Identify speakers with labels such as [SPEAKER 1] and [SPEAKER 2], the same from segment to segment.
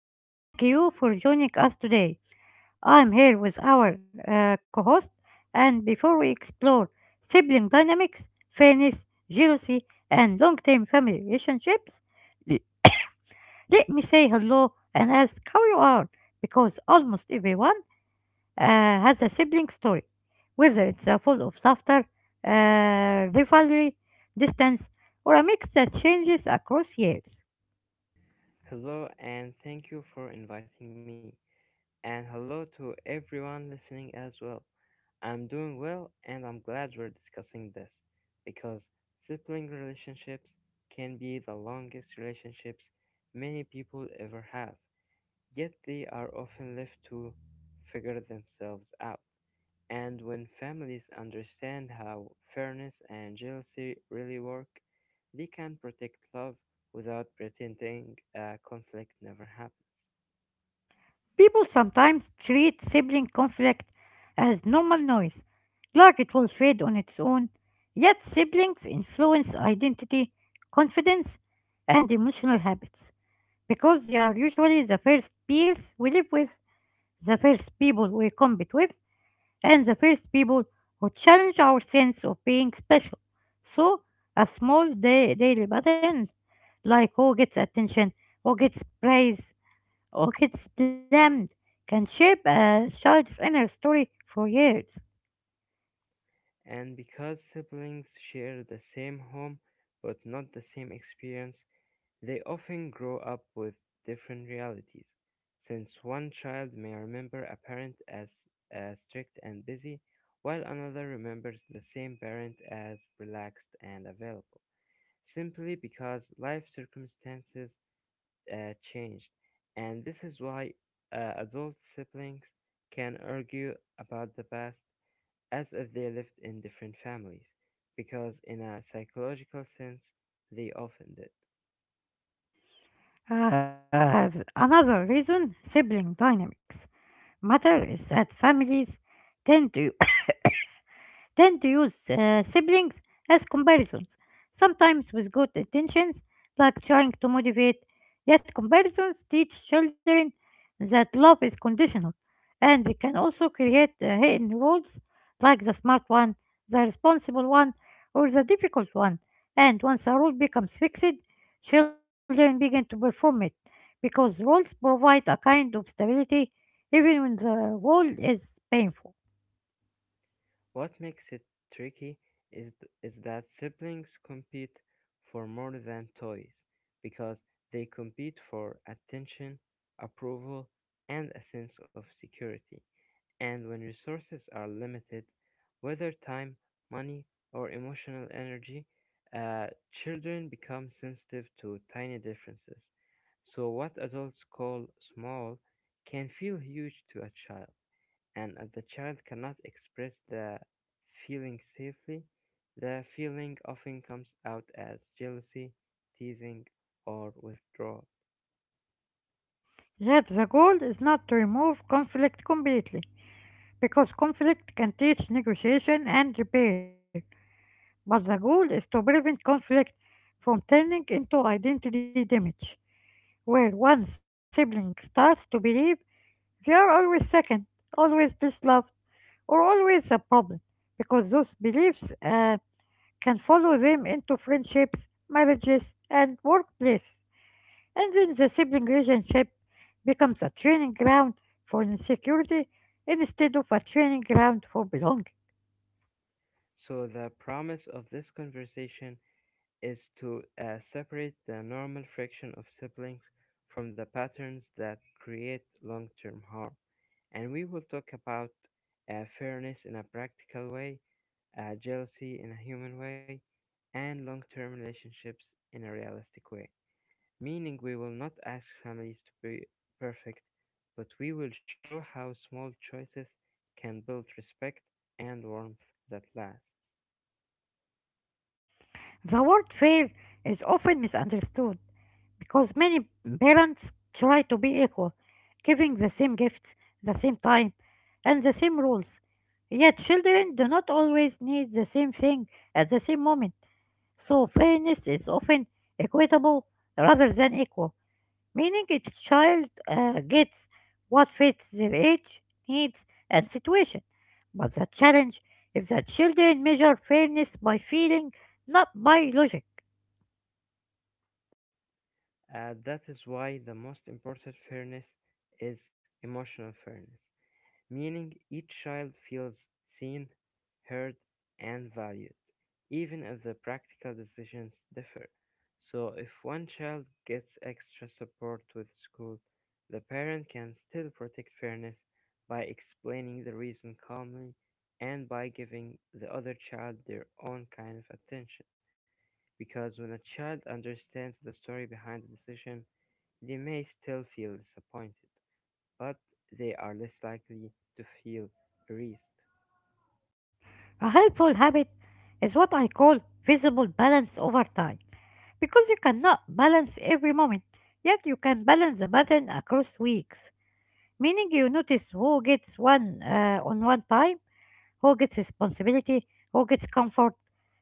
[SPEAKER 1] And thank you for joining us today. I'm here with our co host, and before we explore sibling dynamics, fairness, jealousy, and long term family relationships, l- let me say hello and ask how you are, because almost everyone uh, has a sibling story, whether it's a full of laughter, rivalry, distance, or a mix that changes across years.
[SPEAKER 2] Hello, and thank you for inviting me. And hello to everyone listening as well. I'm doing well, and I'm glad we're discussing this because sibling relationships can be the longest relationships many people ever have, yet they are often left to figure themselves out. And when families understand how fairness and jealousy really work, they can protect love without pretending a conflict never happened.
[SPEAKER 1] People sometimes treat sibling conflict as normal noise, like it will fade on its own, yet siblings influence identity, confidence, and emotional habits because they are usually the first peers we live with, the first people we compete with, and the first people who challenge our sense of being special. So, a small daily pattern like who gets attention, who gets praise, oh, it's slammed, can shape a child's inner story for years.
[SPEAKER 2] And because siblings share the same home but not the same experience, they often grow up with different realities, since one child may remember a parent as strict and busy, while another remembers the same parent as relaxed and available, simply because life circumstances changed. And this is why adult siblings can argue about the past as if they lived in different families, because in a psychological sense, they often did.
[SPEAKER 1] As another reason, sibling dynamics matter is that families tend to tend to use siblings as comparisons, sometimes with good intentions, like trying to motivate. Yet comparisons teach children that love is conditional, and they can also create hidden roles like the smart one, the responsible one, or the difficult one. And once a role becomes fixed, children begin to perform it because roles provide a kind of stability even when the role is painful.
[SPEAKER 2] What makes it tricky is, is that siblings compete for more than toys, because they compete for attention, approval, and a sense of security. And when resources are limited, whether time, money, or emotional energy, uh, children become sensitive to tiny differences. So, what adults call small can feel huge to a child. And if the child cannot express the feeling safely, the feeling often comes out as jealousy, teasing, or withdrawal.
[SPEAKER 1] Yet the goal is not to remove conflict completely, because conflict can teach negotiation and repair, but the goal is to prevent conflict from turning into identity damage, where one sibling starts to believe they are always second, always disloved, or always a problem, because those beliefs can follow them into friendships, marriages, and workplaces. And then the sibling relationship becomes a training ground for insecurity instead of a training ground for belonging.
[SPEAKER 2] So, the promise of this conversation is to separate the normal friction of siblings from the patterns that create long term harm. And we will talk about fairness in a practical way, jealousy in a human way, and long term relationships in a realistic way. Meaning, we will not ask families to be perfect, but we will show how small choices can build respect and warmth that lasts.
[SPEAKER 1] The word fair is often misunderstood because many parents try to be equal, giving the same gifts, the same time, and the same rules. Yet children do not always need the same thing at the same moment, so fairness is often equitable rather than equal, meaning each child gets what fits their age, needs, and situation. But the challenge is that children measure fairness by feeling, not by logic.
[SPEAKER 2] That is why the most important fairness is emotional fairness, meaning each child feels seen, heard, and valued, even if the practical decisions differ. So, if one child gets extra support with school, the parent can still protect fairness by explaining the reason calmly and by giving the other child their own kind of attention. Because when a child understands the story behind the decision, they may still feel disappointed, but they are less likely to feel erased.
[SPEAKER 1] A helpful habit is what I call visible balance over time, because you cannot balance every moment, yet you can balance the pattern across weeks, meaning you notice who gets one on one time, who gets responsibility, who gets comfort,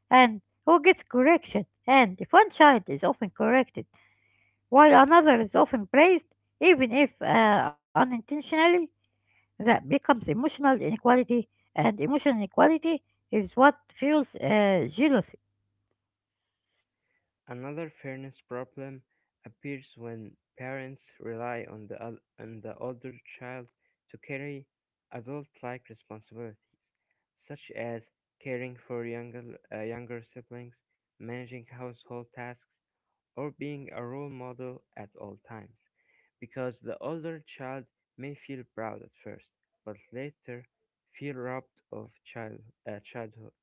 [SPEAKER 1] and who gets correction. And if one child is often corrected while another is often praised, even if unintentionally, that becomes emotional inequality, and emotional inequality is what fuels jealousy.
[SPEAKER 2] Another fairness problem appears when parents rely on on the older child to carry adult like responsibilities, such as caring for younger siblings, managing household tasks, or being a role model at all times, because the older child may feel proud at first, but later feel robbed of childhood,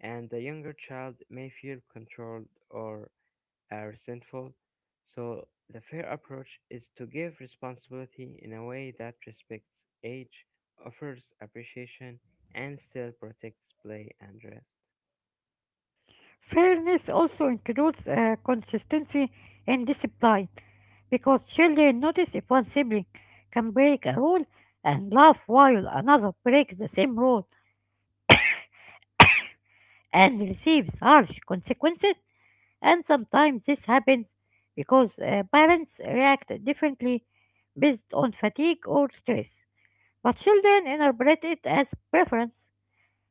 [SPEAKER 2] and the younger child may feel controlled or resentful. So, the fair approach is to give responsibility in a way that respects age, offers appreciation, and still protects play and rest.
[SPEAKER 1] Fairness also includes consistency and discipline because children notice if one sibling can break a rule and laugh while another breaks the same rule and receives harsh consequences. And sometimes this happens because parents react differently based on fatigue or stress, but children interpret it as preference.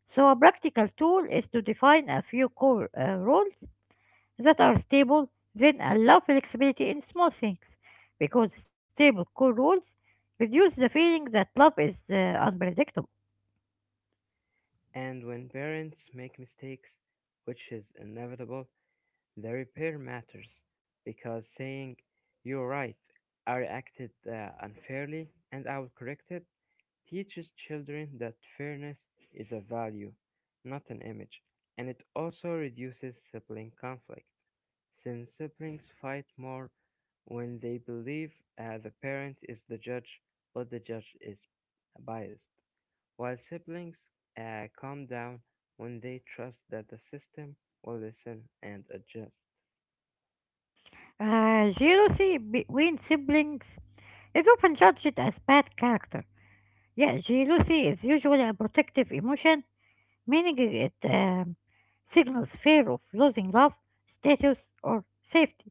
[SPEAKER 1] So a practical tool is to define a few core rules that are stable, then allow flexibility in small things, because stable core rules reduce the feeling that love is unpredictable.
[SPEAKER 2] And when parents make mistakes, which is inevitable, the repair matters, because saying "You're right, I acted unfairly and I will correct it" teaches children that fairness is a value, not an image, and it also reduces sibling conflict since siblings fight more when they believe the parent is the judge but the judge is biased, while siblings calm down when they trust that the system will listen and adjust.
[SPEAKER 1] Jealousy between siblings is often judged as bad character. Yeah, jealousy is usually a protective emotion, meaning it signals fear of losing love, status, or safety.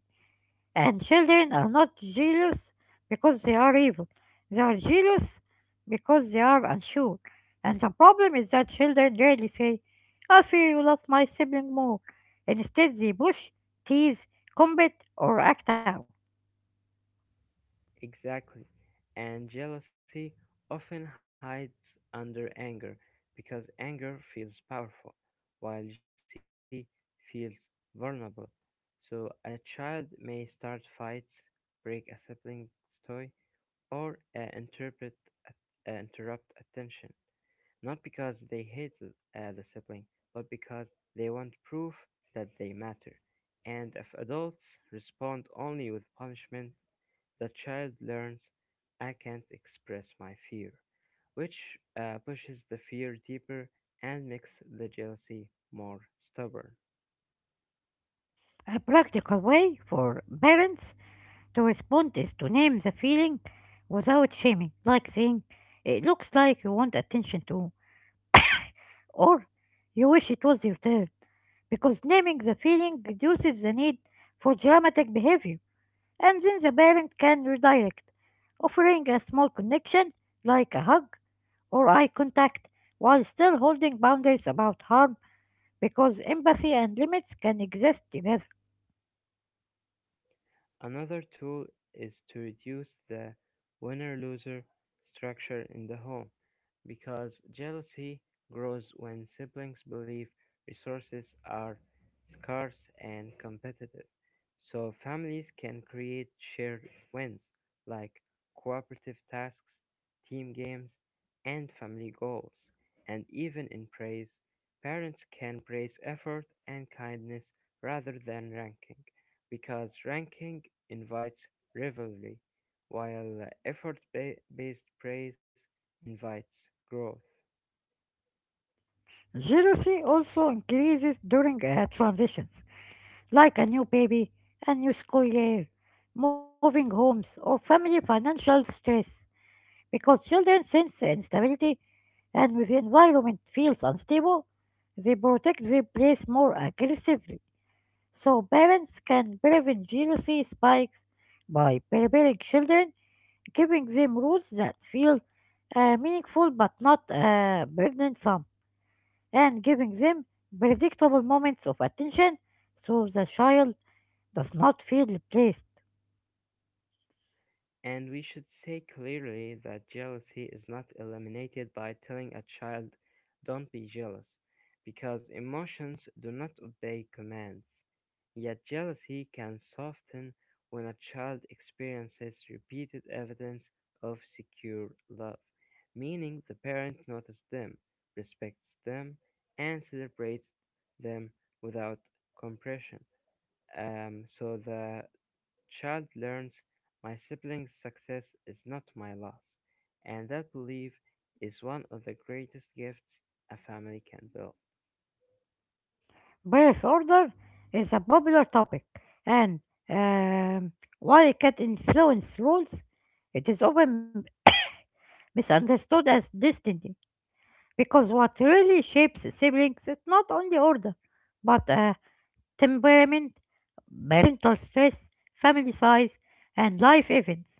[SPEAKER 1] And children are not jealous because they are evil. They are jealous because they are unsure. And the problem is that children rarely say, "I feel you love my sibling more." Instead, they push, tease, combat, or act out.
[SPEAKER 2] Exactly. And jealousy often hides under anger because anger feels powerful, while jealousy feels vulnerable. So a child may start fights, break a sibling's toy, or interpret interrupt attention, not because they hate the sibling, but because they want proof that they matter. And if adults respond only with punishment, the child learns "I can't express my fear," which pushes the fear deeper and makes the jealousy more stubborn.
[SPEAKER 1] A practical way for parents to respond is to name the feeling without shaming, like saying, "It looks like you want attention too," or "You wish it was your turn," because naming the feeling reduces the need for dramatic behavior, and then the parent can redirect, offering a small connection like a hug or eye contact while still holding boundaries about harm, because empathy and limits can exist together.
[SPEAKER 2] Another tool is to reduce the winner-loser structure in the home, because jealousy grows when siblings believe resources are scarce and competitive. So families can create shared wins like cooperative tasks, team games, and family goals. And even in praise, parents can praise effort and kindness rather than ranking, because ranking invites rivalry, while effort-based praise invites growth.
[SPEAKER 1] Jealousy also increases during transitions like a new baby, a new school year, moving homes, or family financial stress, because children sense instability, and when the environment feels unstable, they protect their place more aggressively. So parents can prevent jealousy spikes by preparing children, giving them rules that feel meaningful but not burdensome, and giving them predictable moments of attention so the child does not feel replaced.
[SPEAKER 2] And we should say clearly that jealousy is not eliminated by telling a child, "don't be jealous," because emotions do not obey commands. Yet jealousy can soften when a child experiences repeated evidence of secure love, meaning the parent notices them, respects them, and celebrates them without compression. So the child learns my siblings' success is not my loss, and that belief is one of the greatest gifts a family can build.
[SPEAKER 1] Birth order is a popular topic, and um, while it can influence rules, it is often misunderstood as destiny, because what really shapes siblings is not only order, but temperament, parental stress, family size, and life events.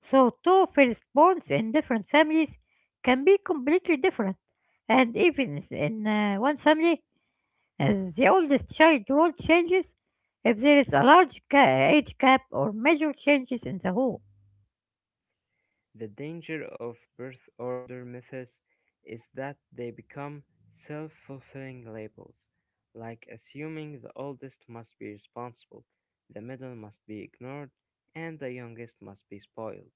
[SPEAKER 1] So two firstborns in different families can be completely different, and even if in one family, as the oldest child role changes, if there is a large age gap or major changes in the home,
[SPEAKER 2] The danger of birth order myths is that they become self fulfilling labels, like assuming the oldest must be responsible, the middle must be ignored, and the youngest must be spoiled,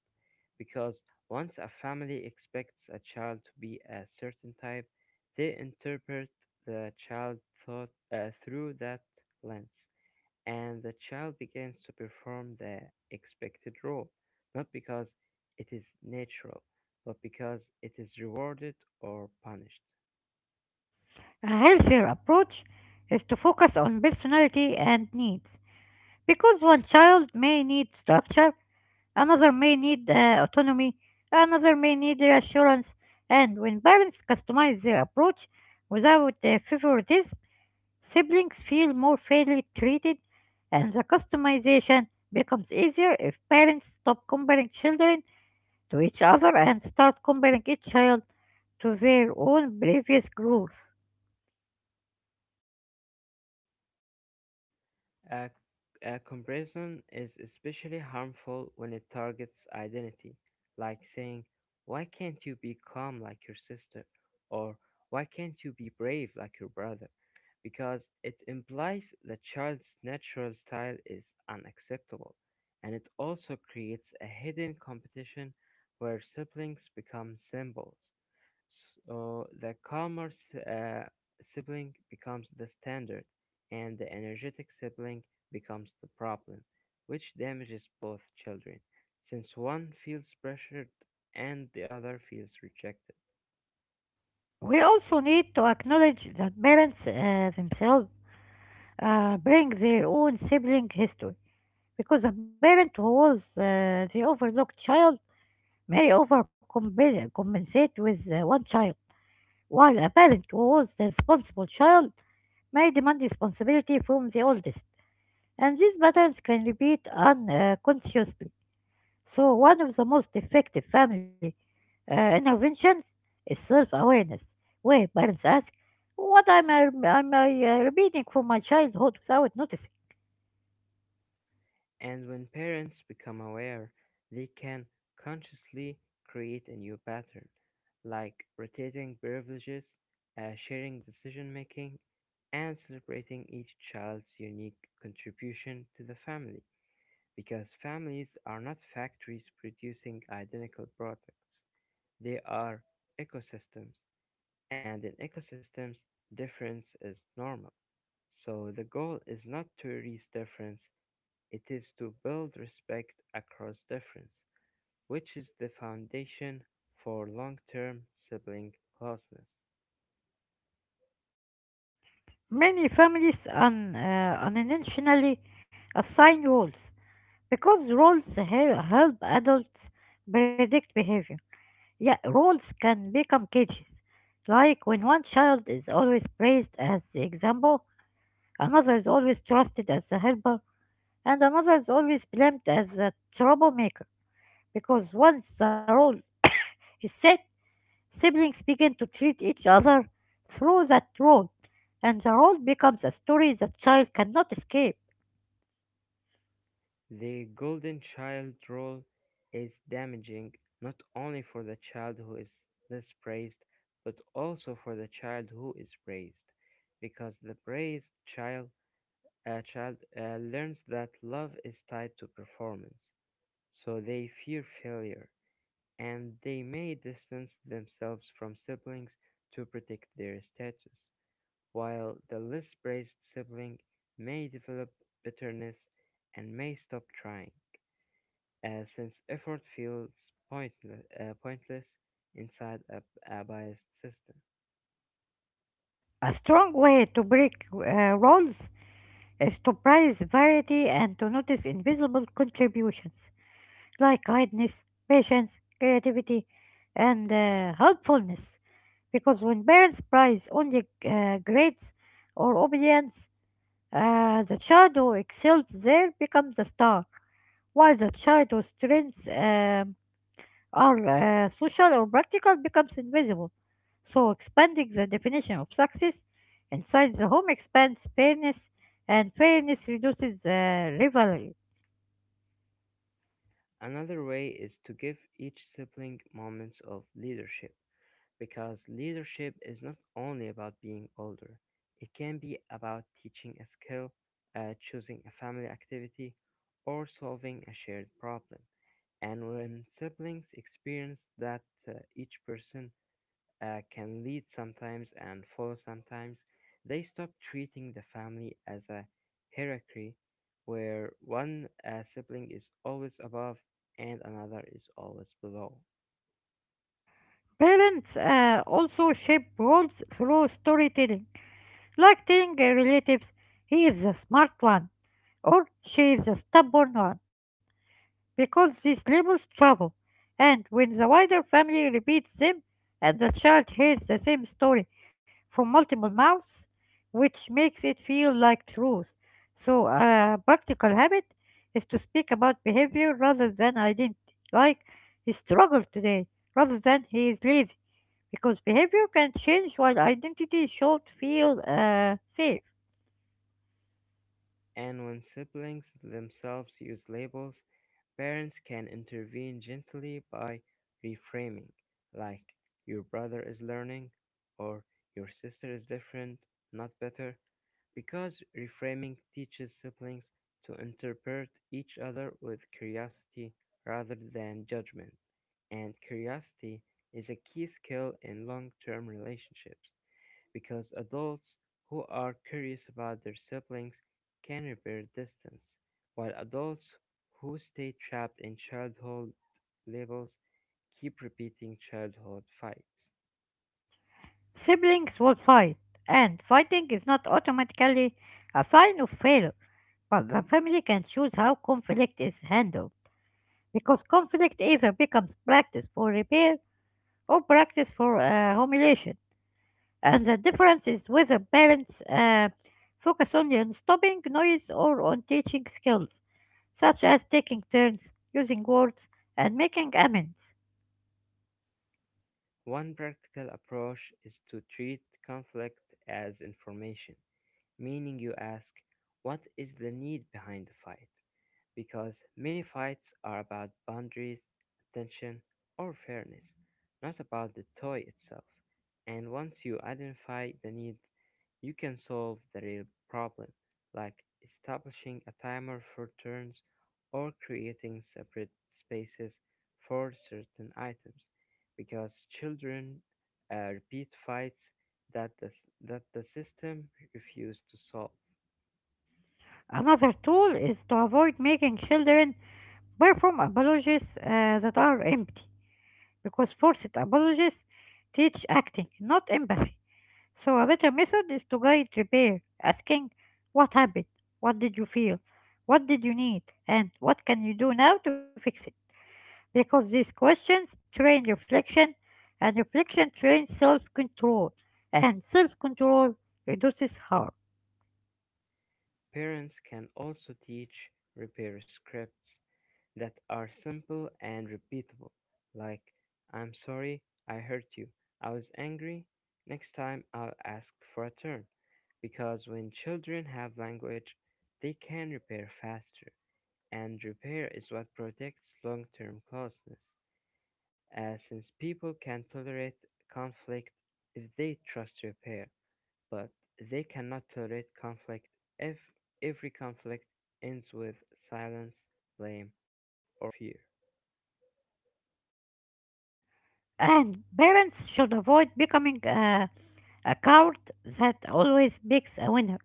[SPEAKER 2] because once a family expects a child to be a certain type, they interpret the child thought through that lens, and the child begins to perform the expected role, not because it is natural, but because it is rewarded or punished.
[SPEAKER 1] a healthier approach is to focus on personality and needs. Because one child may need structure, another may need autonomy, another may need reassurance, and when parents customize their approach without favoritism, siblings feel more fairly treated, and the customization becomes easier if parents stop comparing children to each other and start comparing each child to their own previous growth.
[SPEAKER 2] A, a comparison is especially harmful when it targets identity, like saying, "Why can't you be calm like your sister?" or "Why can't you be brave like your brother?" because it implies the child's natural style is unacceptable, and it also creates a hidden competition where siblings become symbols. So the sibling becomes the standard, and the energetic sibling becomes the problem, which damages both children, since one feels pressured and the other feels rejected.
[SPEAKER 1] We also need to acknowledge that parents themselves bring their own sibling history, because a parent who was the overlooked child may overcompensate with one child, while a parent who was the responsible child may demand responsibility from the oldest. And these patterns can repeat unconsciously. So one of the most effective family uh, interventions is self awareness, where parents ask, What am I, am I repeating from my childhood without noticing?"
[SPEAKER 2] And when parents become aware, they can consciously create a new pattern, like rotating privileges, sharing decision making, and celebrating each child's unique contribution to the family. Because families are not factories producing identical products, they are ecosystems, and in ecosystems, difference is normal. So the goal is not to erase difference, it is to build respect across difference, which is the foundation for long term sibling closeness.
[SPEAKER 1] Many families unintentionally assign roles because help adults predict behavior. Yeah, roles can become cages, like when one child is always praised as the example, another is always trusted as the helper, and another is always blamed as the troublemaker, because once the role is set, siblings begin to treat each other through that role, and the role becomes a story the child cannot escape.
[SPEAKER 2] The golden child rule is damaging not only for the child who is less praised, but also for the child who is praised, because the praised child uh, child uh, learns that love is tied to performance, so they fear failure, and they may distance themselves from siblings to protect their status, while the less praised sibling may develop bitterness and may stop trying since effort feels pointless inside a biased system.
[SPEAKER 1] A strong way to break roles is to prize variety and to notice invisible contributions like kindness, patience, creativity, and helpfulness. Because when parents prize only grades or obedience, the child who excels there becomes a star, while the child whose strengths are social or practical becomes invisible. So expanding the definition of success inside the home expands fairness, and fairness reduces rivalry.
[SPEAKER 2] Another way is to give each sibling moments of leadership, because leadership is not only about being older, it can be about teaching a skill, choosing a family activity, or solving a shared problem. And when siblings experience that each person can lead sometimes and follow sometimes, they stop treating the family as a hierarchy where one sibling is always above and another is always below.
[SPEAKER 1] Parents also shape roles through storytelling, like telling their relatives, "He is the smart one," or "She is the stubborn one," because these labels travel, and when the wider family repeats them, and the child hears the same story from multiple mouths, which makes it feel like truth. So a practical habit is to speak about behavior rather than identity, like "He struggled today," rather than "He is lazy," because behavior can change while identity should feel safe.
[SPEAKER 2] And when siblings themselves use labels, parents can intervene gently by reframing, like, "your brother is learning," or "your sister is different, not better." Because reframing teaches siblings to interpret each other with curiosity rather than judgment, and curiosity is a key skill in long term relationships, because adults who are curious about their siblings can repair distance, while adults who stay trapped in childhood labels keep repeating childhood fights.
[SPEAKER 1] Siblings will fight, and fighting is not automatically a sign of failure, but the family can choose how conflict is handled, because conflict either becomes practice for repair or practice for humiliation. And the difference is whether parents focus only on stopping noise or on teaching skills, such as taking turns, using words, and making amends.
[SPEAKER 2] One practical approach is to treat conflict as information, meaning you ask, "what is the need behind the fight?" because many fights are about boundaries, attention, or fairness, not about the toy itself. And once you identify the need, you can solve the real problem, like establishing a timer for turns or creating separate spaces for certain items, because children repeat fights that that the system refused to solve.
[SPEAKER 1] Another tool is to avoid making children perform apologies that are empty, because forced apologies teach acting, not empathy. So a better method is to guide repair, asking what happened, what did you feel, what did you need, and what can you do now to fix it. Because these questions train reflection, and reflection trains self control, and self control reduces harm.
[SPEAKER 2] Parents can also teach repair scripts that are simple and repeatable, like "I'm sorry I hurt you, I was angry, next time I'll ask for a turn." Because when children have language, they can repair faster, and repair is what protects long term closeness, since people can tolerate conflict if they trust repair. But they cannot tolerate conflict if every conflict ends with silence, blame, or fear.
[SPEAKER 1] And parents should avoid becoming a coward that always picks a winner,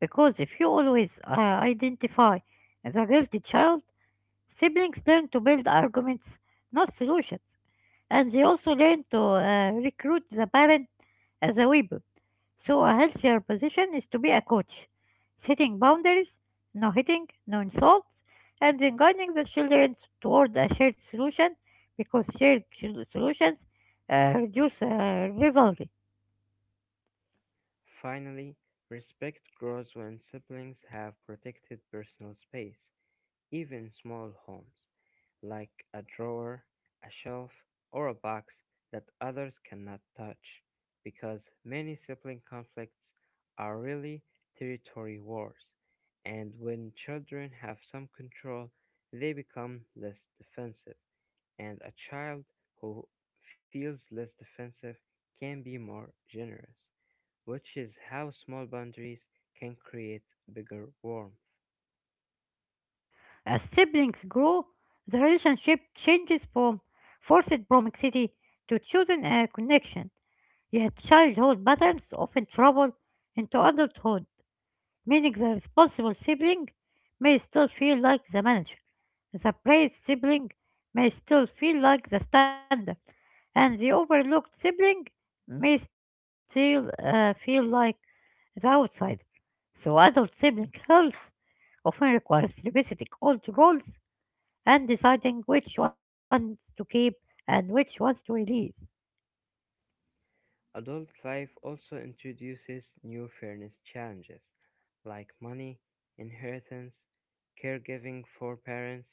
[SPEAKER 1] because if you always identify as a guilty child, siblings learn to build arguments, not solutions. And they also learn to recruit the parent as a weapon. So a healthier position is to be a coach, setting boundaries, no hitting, no insults, and then guiding the children toward a shared solution, because shared solutions reduce rivalry.
[SPEAKER 2] Finally, respect grows when siblings have protected personal space, even in small homes, like a drawer, a shelf, or a box that others cannot touch, because many sibling conflicts are really territory wars, and when children have some control, they become less defensive, and a child who feels less defensive can be more generous, which is how small boundaries can create bigger warmth.
[SPEAKER 1] As siblings grow, the relationship changes from forced proximity to chosen connection, yet childhood patterns often travel into adulthood, meaning the responsible sibling may still feel like the manager, the praised sibling may still feel like the standard, and the overlooked sibling may still feel like the outsider. So adult sibling health often requires revisiting old roles and deciding which ones to keep and which ones to release.
[SPEAKER 2] Adult life also introduces new fairness challenges like money, inheritance, caregiving for parents,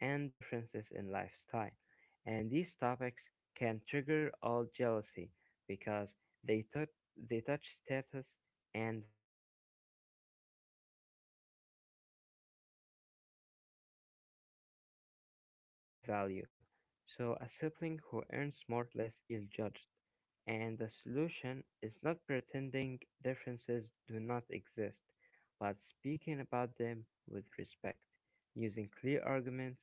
[SPEAKER 2] and differences in lifestyle. And these topics can trigger all jealousy because they, tou they touch status and value. So, a sibling who earns more may unintentionally speak with authority, while a sibling who earns less may feel judged. And the solution is not pretending differences do not exist, but speaking about them with respect, using clear arguments,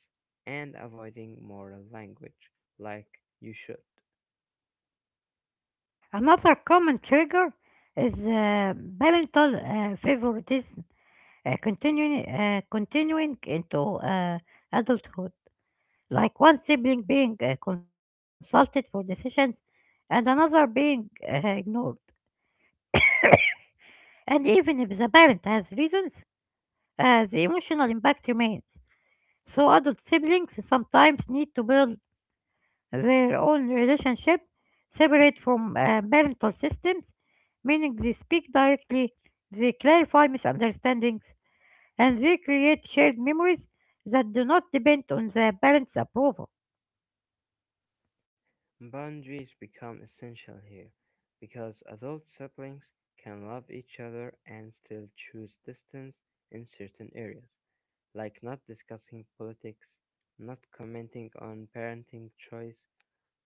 [SPEAKER 2] and avoiding moral language like "you should."
[SPEAKER 1] Another common trigger is parental favoritism continuing into adulthood, like one sibling being consulted for decisions and another being ignored. And even if the parent has reasons, the emotional impact remains. So adult siblings sometimes need to build their own relationship separate from parental systems, meaning they speak directly, they clarify misunderstandings, and they create shared memories that do not depend on the parents' approval.
[SPEAKER 2] Boundaries become essential here because adult siblings can love each other and still choose distance in certain areas, like not discussing politics, not commenting on parenting choice,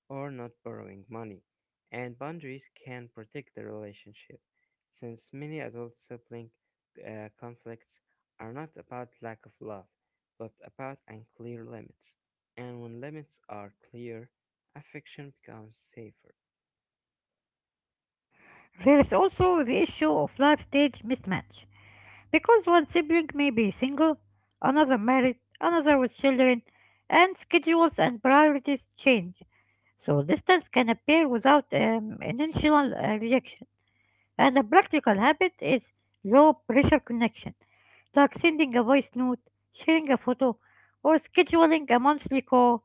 [SPEAKER 2] or not borrowing money, and boundaries can protect the relationship, since many adult sibling conflicts are not about lack of love, but about unclear limits. And when limits are clear, affection becomes safer.
[SPEAKER 1] There is also the issue of life stage mismatch, because one sibling may be single, another married, another with children, and schedules and priorities change, so distance can appear without initial rejection. And a practical habit is low pressure connection, like sending a voice note, sharing a photo, or scheduling a monthly call,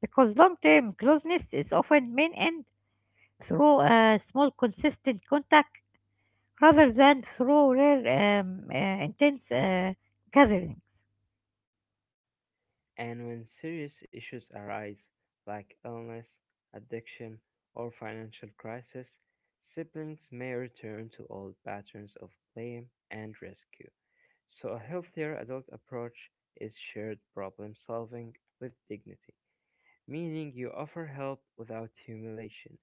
[SPEAKER 1] because long term closeness is often maintained through a small consistent contact rather than through rare intense gatherings.
[SPEAKER 2] And when serious issues arise, like illness, addiction, or financial crisis, siblings may return to old patterns of blame and rescue. So a healthier adult approach is shared problem solving with dignity, meaning you offer help without humiliation.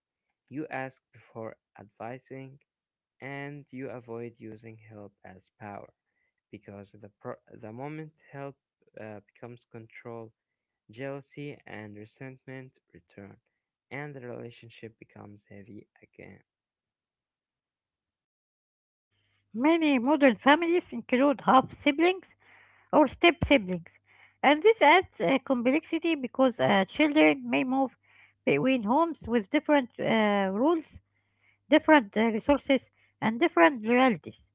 [SPEAKER 2] You ask before advising and you avoid using help as power because the moment help becomes control, jealousy and resentment return and the relationship becomes heavy again.
[SPEAKER 1] Many modern families include half siblings or step siblings. And this adds complexity because children may move between homes with different rules, different resources, and different loyalties.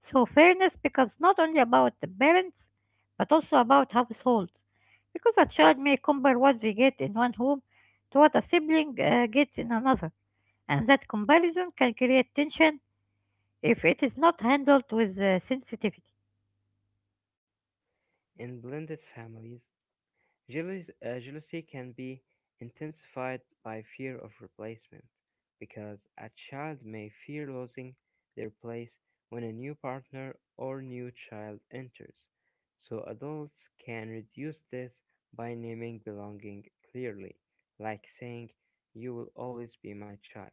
[SPEAKER 1] So fairness becomes not only about the parents, but also about households, because a child may compare what they get in one home to what a sibling gets in another, and that comparison can create tension if it is not handled with sensitivity.
[SPEAKER 2] In blended families, jealousy can be intensified by fear of replacement because a child may fear losing their place when a new partner or new child enters. So adults can reduce this by naming belonging clearly, like saying, "You will always be my child,"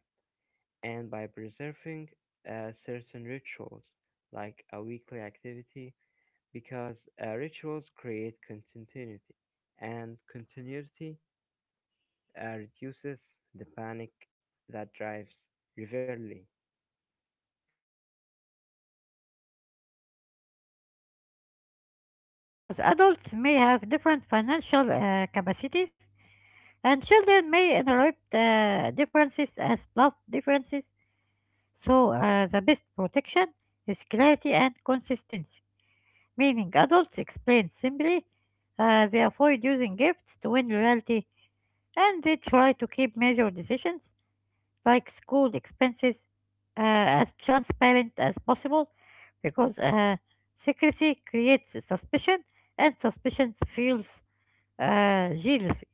[SPEAKER 2] and by preserving certain rituals, like a weekly activity because rituals create continuity, and continuity reduces the panic that drives rivalry.
[SPEAKER 1] Another challenge is fairness in gifts and spending, because adults may have different financial capacities and children may inherit differences as love differences. So, the best protection is clarity and consistency, meaning adults explain simply, they avoid using gifts to win loyalty, and they try to keep major decisions like school expenses as transparent as possible because secrecy creates suspicion and suspicion fuels jealousy.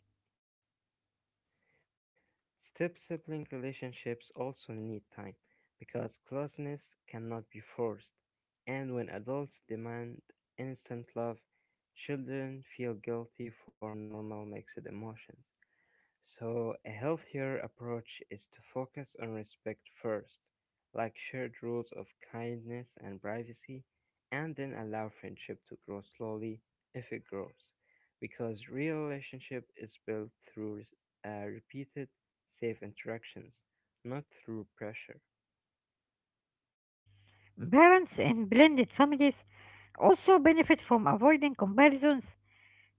[SPEAKER 2] Step sibling relationships also need time, because closeness cannot be forced, and when adults demand instant love, children feel guilty for normal mixed emotions. So, a healthier approach is to focus on respect first, like shared rules of kindness and privacy, and then allow friendship to grow slowly if it grows. Because real relationship is built through repeated safe interactions, not through pressure.
[SPEAKER 1] Parents in blended families also benefit from avoiding comparisons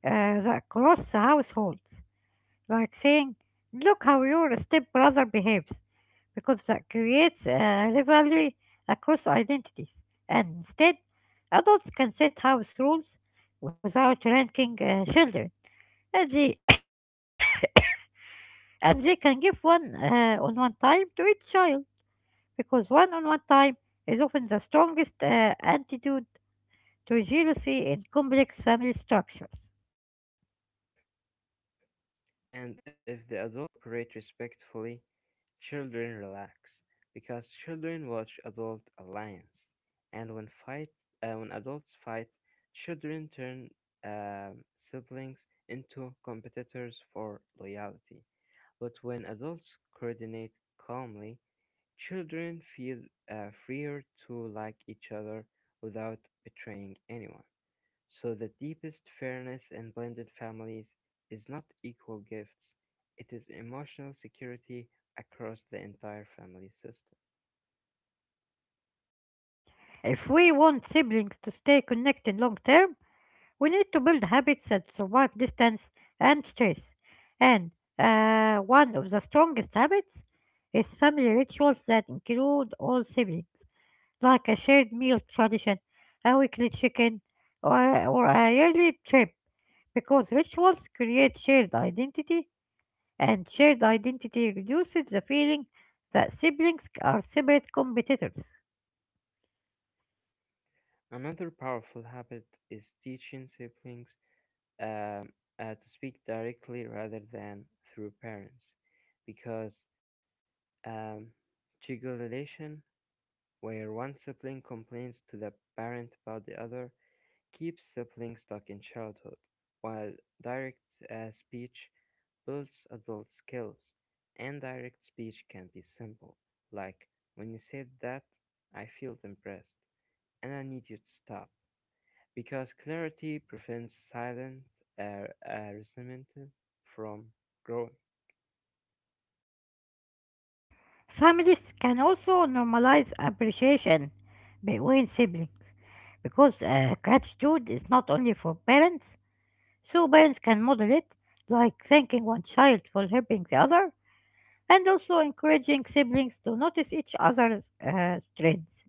[SPEAKER 1] across households. Like saying, look how your stepbrother behaves, because that creates a rivalry across identities. And instead, adults can set house rules without ranking children. And and they can give one on one time to each child, because one on one time is often the strongest antidote to jealousy in complex family structures.
[SPEAKER 2] And if the adults cooperate respectfully, children relax because children watch adult alliance, and when adults fight, children turn um, siblings into competitors for loyalty. But when adults coordinate calmly, children feel freer to like each other without betraying anyone. So the deepest fairness in blended families is not equal gifts, it is emotional security across the entire family system.
[SPEAKER 1] If we want siblings to stay connected long term, we need to build habits that survive distance and stress. And one of the strongest habits is family rituals that include all siblings. Like a shared meal tradition, a weekly chicken, or or a yearly trip, because rituals create shared identity, and shared identity reduces the feeling that siblings are separate competitors.
[SPEAKER 2] Another powerful habit is teaching siblings um, to speak directly rather than through parents, because um, trigolation, where one sibling complains to the parent about the other, keeps siblings stuck in childhood, while direct speech builds adult skills, and direct speech can be simple, like, "When you said that, I feel impressed, and I need you to stop." Because clarity prevents silent resentment from growing.
[SPEAKER 1] Families can also normalize appreciation between siblings because gratitude is not only for parents, so parents can model it, like thanking one child for helping the other and also encouraging siblings to notice each other's strengths.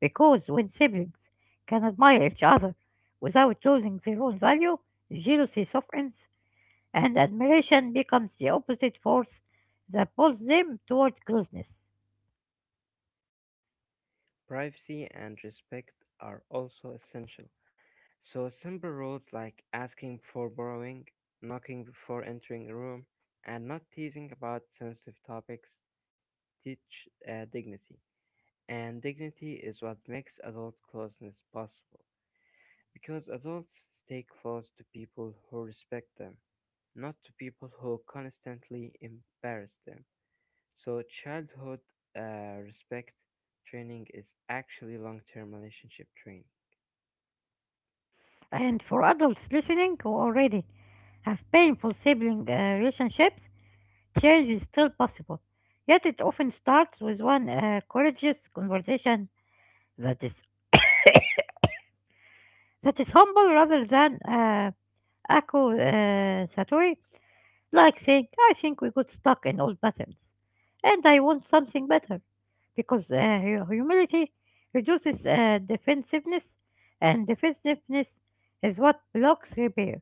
[SPEAKER 1] Because when siblings can admire each other without losing their own value, jealousy softens and admiration becomes the opposite force that pulls them toward closeness.
[SPEAKER 2] Privacy and respect are also essential. So, simple rules like asking before borrowing, knocking before entering a room, and not teasing about sensitive topics teach dignity. And dignity is what makes adult closeness possible, because adults stay close to people who respect them, not to people who constantly embarrass them. So, childhood respect training is actually long term relationship training.
[SPEAKER 1] And for adults listening who already have painful sibling relationships, change is still possible. Yet it often starts with one courageous conversation that is that is humble rather than Akko Satori, like saying, I think we got stuck in old patterns, and I want something better, because humility reduces defensiveness, and defensiveness is what blocks repair.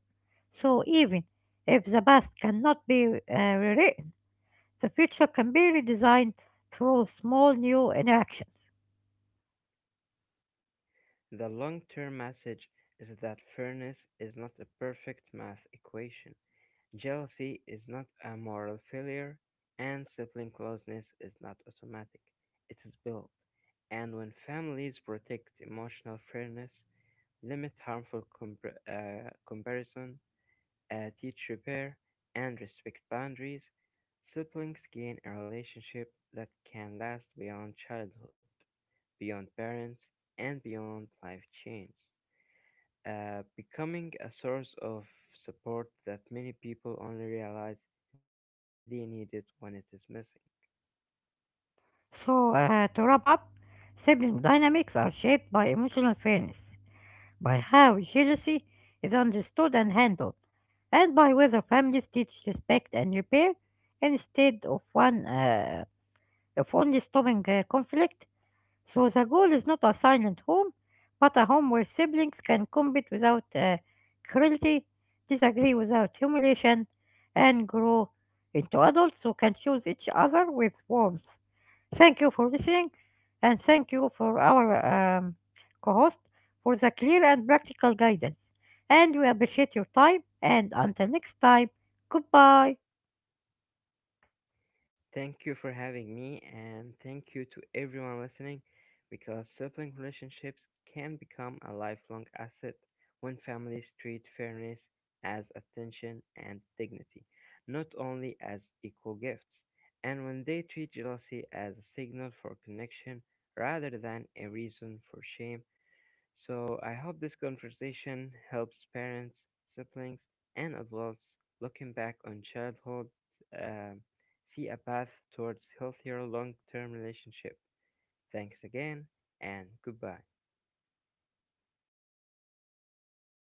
[SPEAKER 1] So even if the past cannot be rewritten, the future can be redesigned through small new interactions.
[SPEAKER 2] The long term message is that fairness is not a perfect math equation, jealousy is not a moral failure, and sibling closeness is not automatic. It is built. And when families protect emotional fairness, limit harmful comparison, teach repair, and respect boundaries, siblings gain a relationship that can last beyond childhood, beyond parents, and beyond life change, becoming a source of support that many people only realize they need it when it is missing.
[SPEAKER 1] So, to wrap up, sibling dynamics are shaped by emotional fairness, by how jealousy is understood and handled, and by whether families teach respect and repair instead of one of only stopping conflict. So the goal is not a silent home, but a home where siblings can compete without cruelty, disagree without humiliation, and grow into adults who can choose each other with warmth. Thank you for listening, and thank you for our um, co host for the clear and practical guidance. And we appreciate your time, and until next time, goodbye.
[SPEAKER 2] Thank you for having me, and thank you to everyone listening because sibling relationships can become a lifelong asset when families treat fairness as attention and dignity, not only as equal gifts, and when they treat jealousy as a signal for connection rather than a reason for shame. So I hope this conversation helps parents, siblings, and adults looking back on childhood um, see a path towards healthier long-term relationship. Thanks again and goodbye.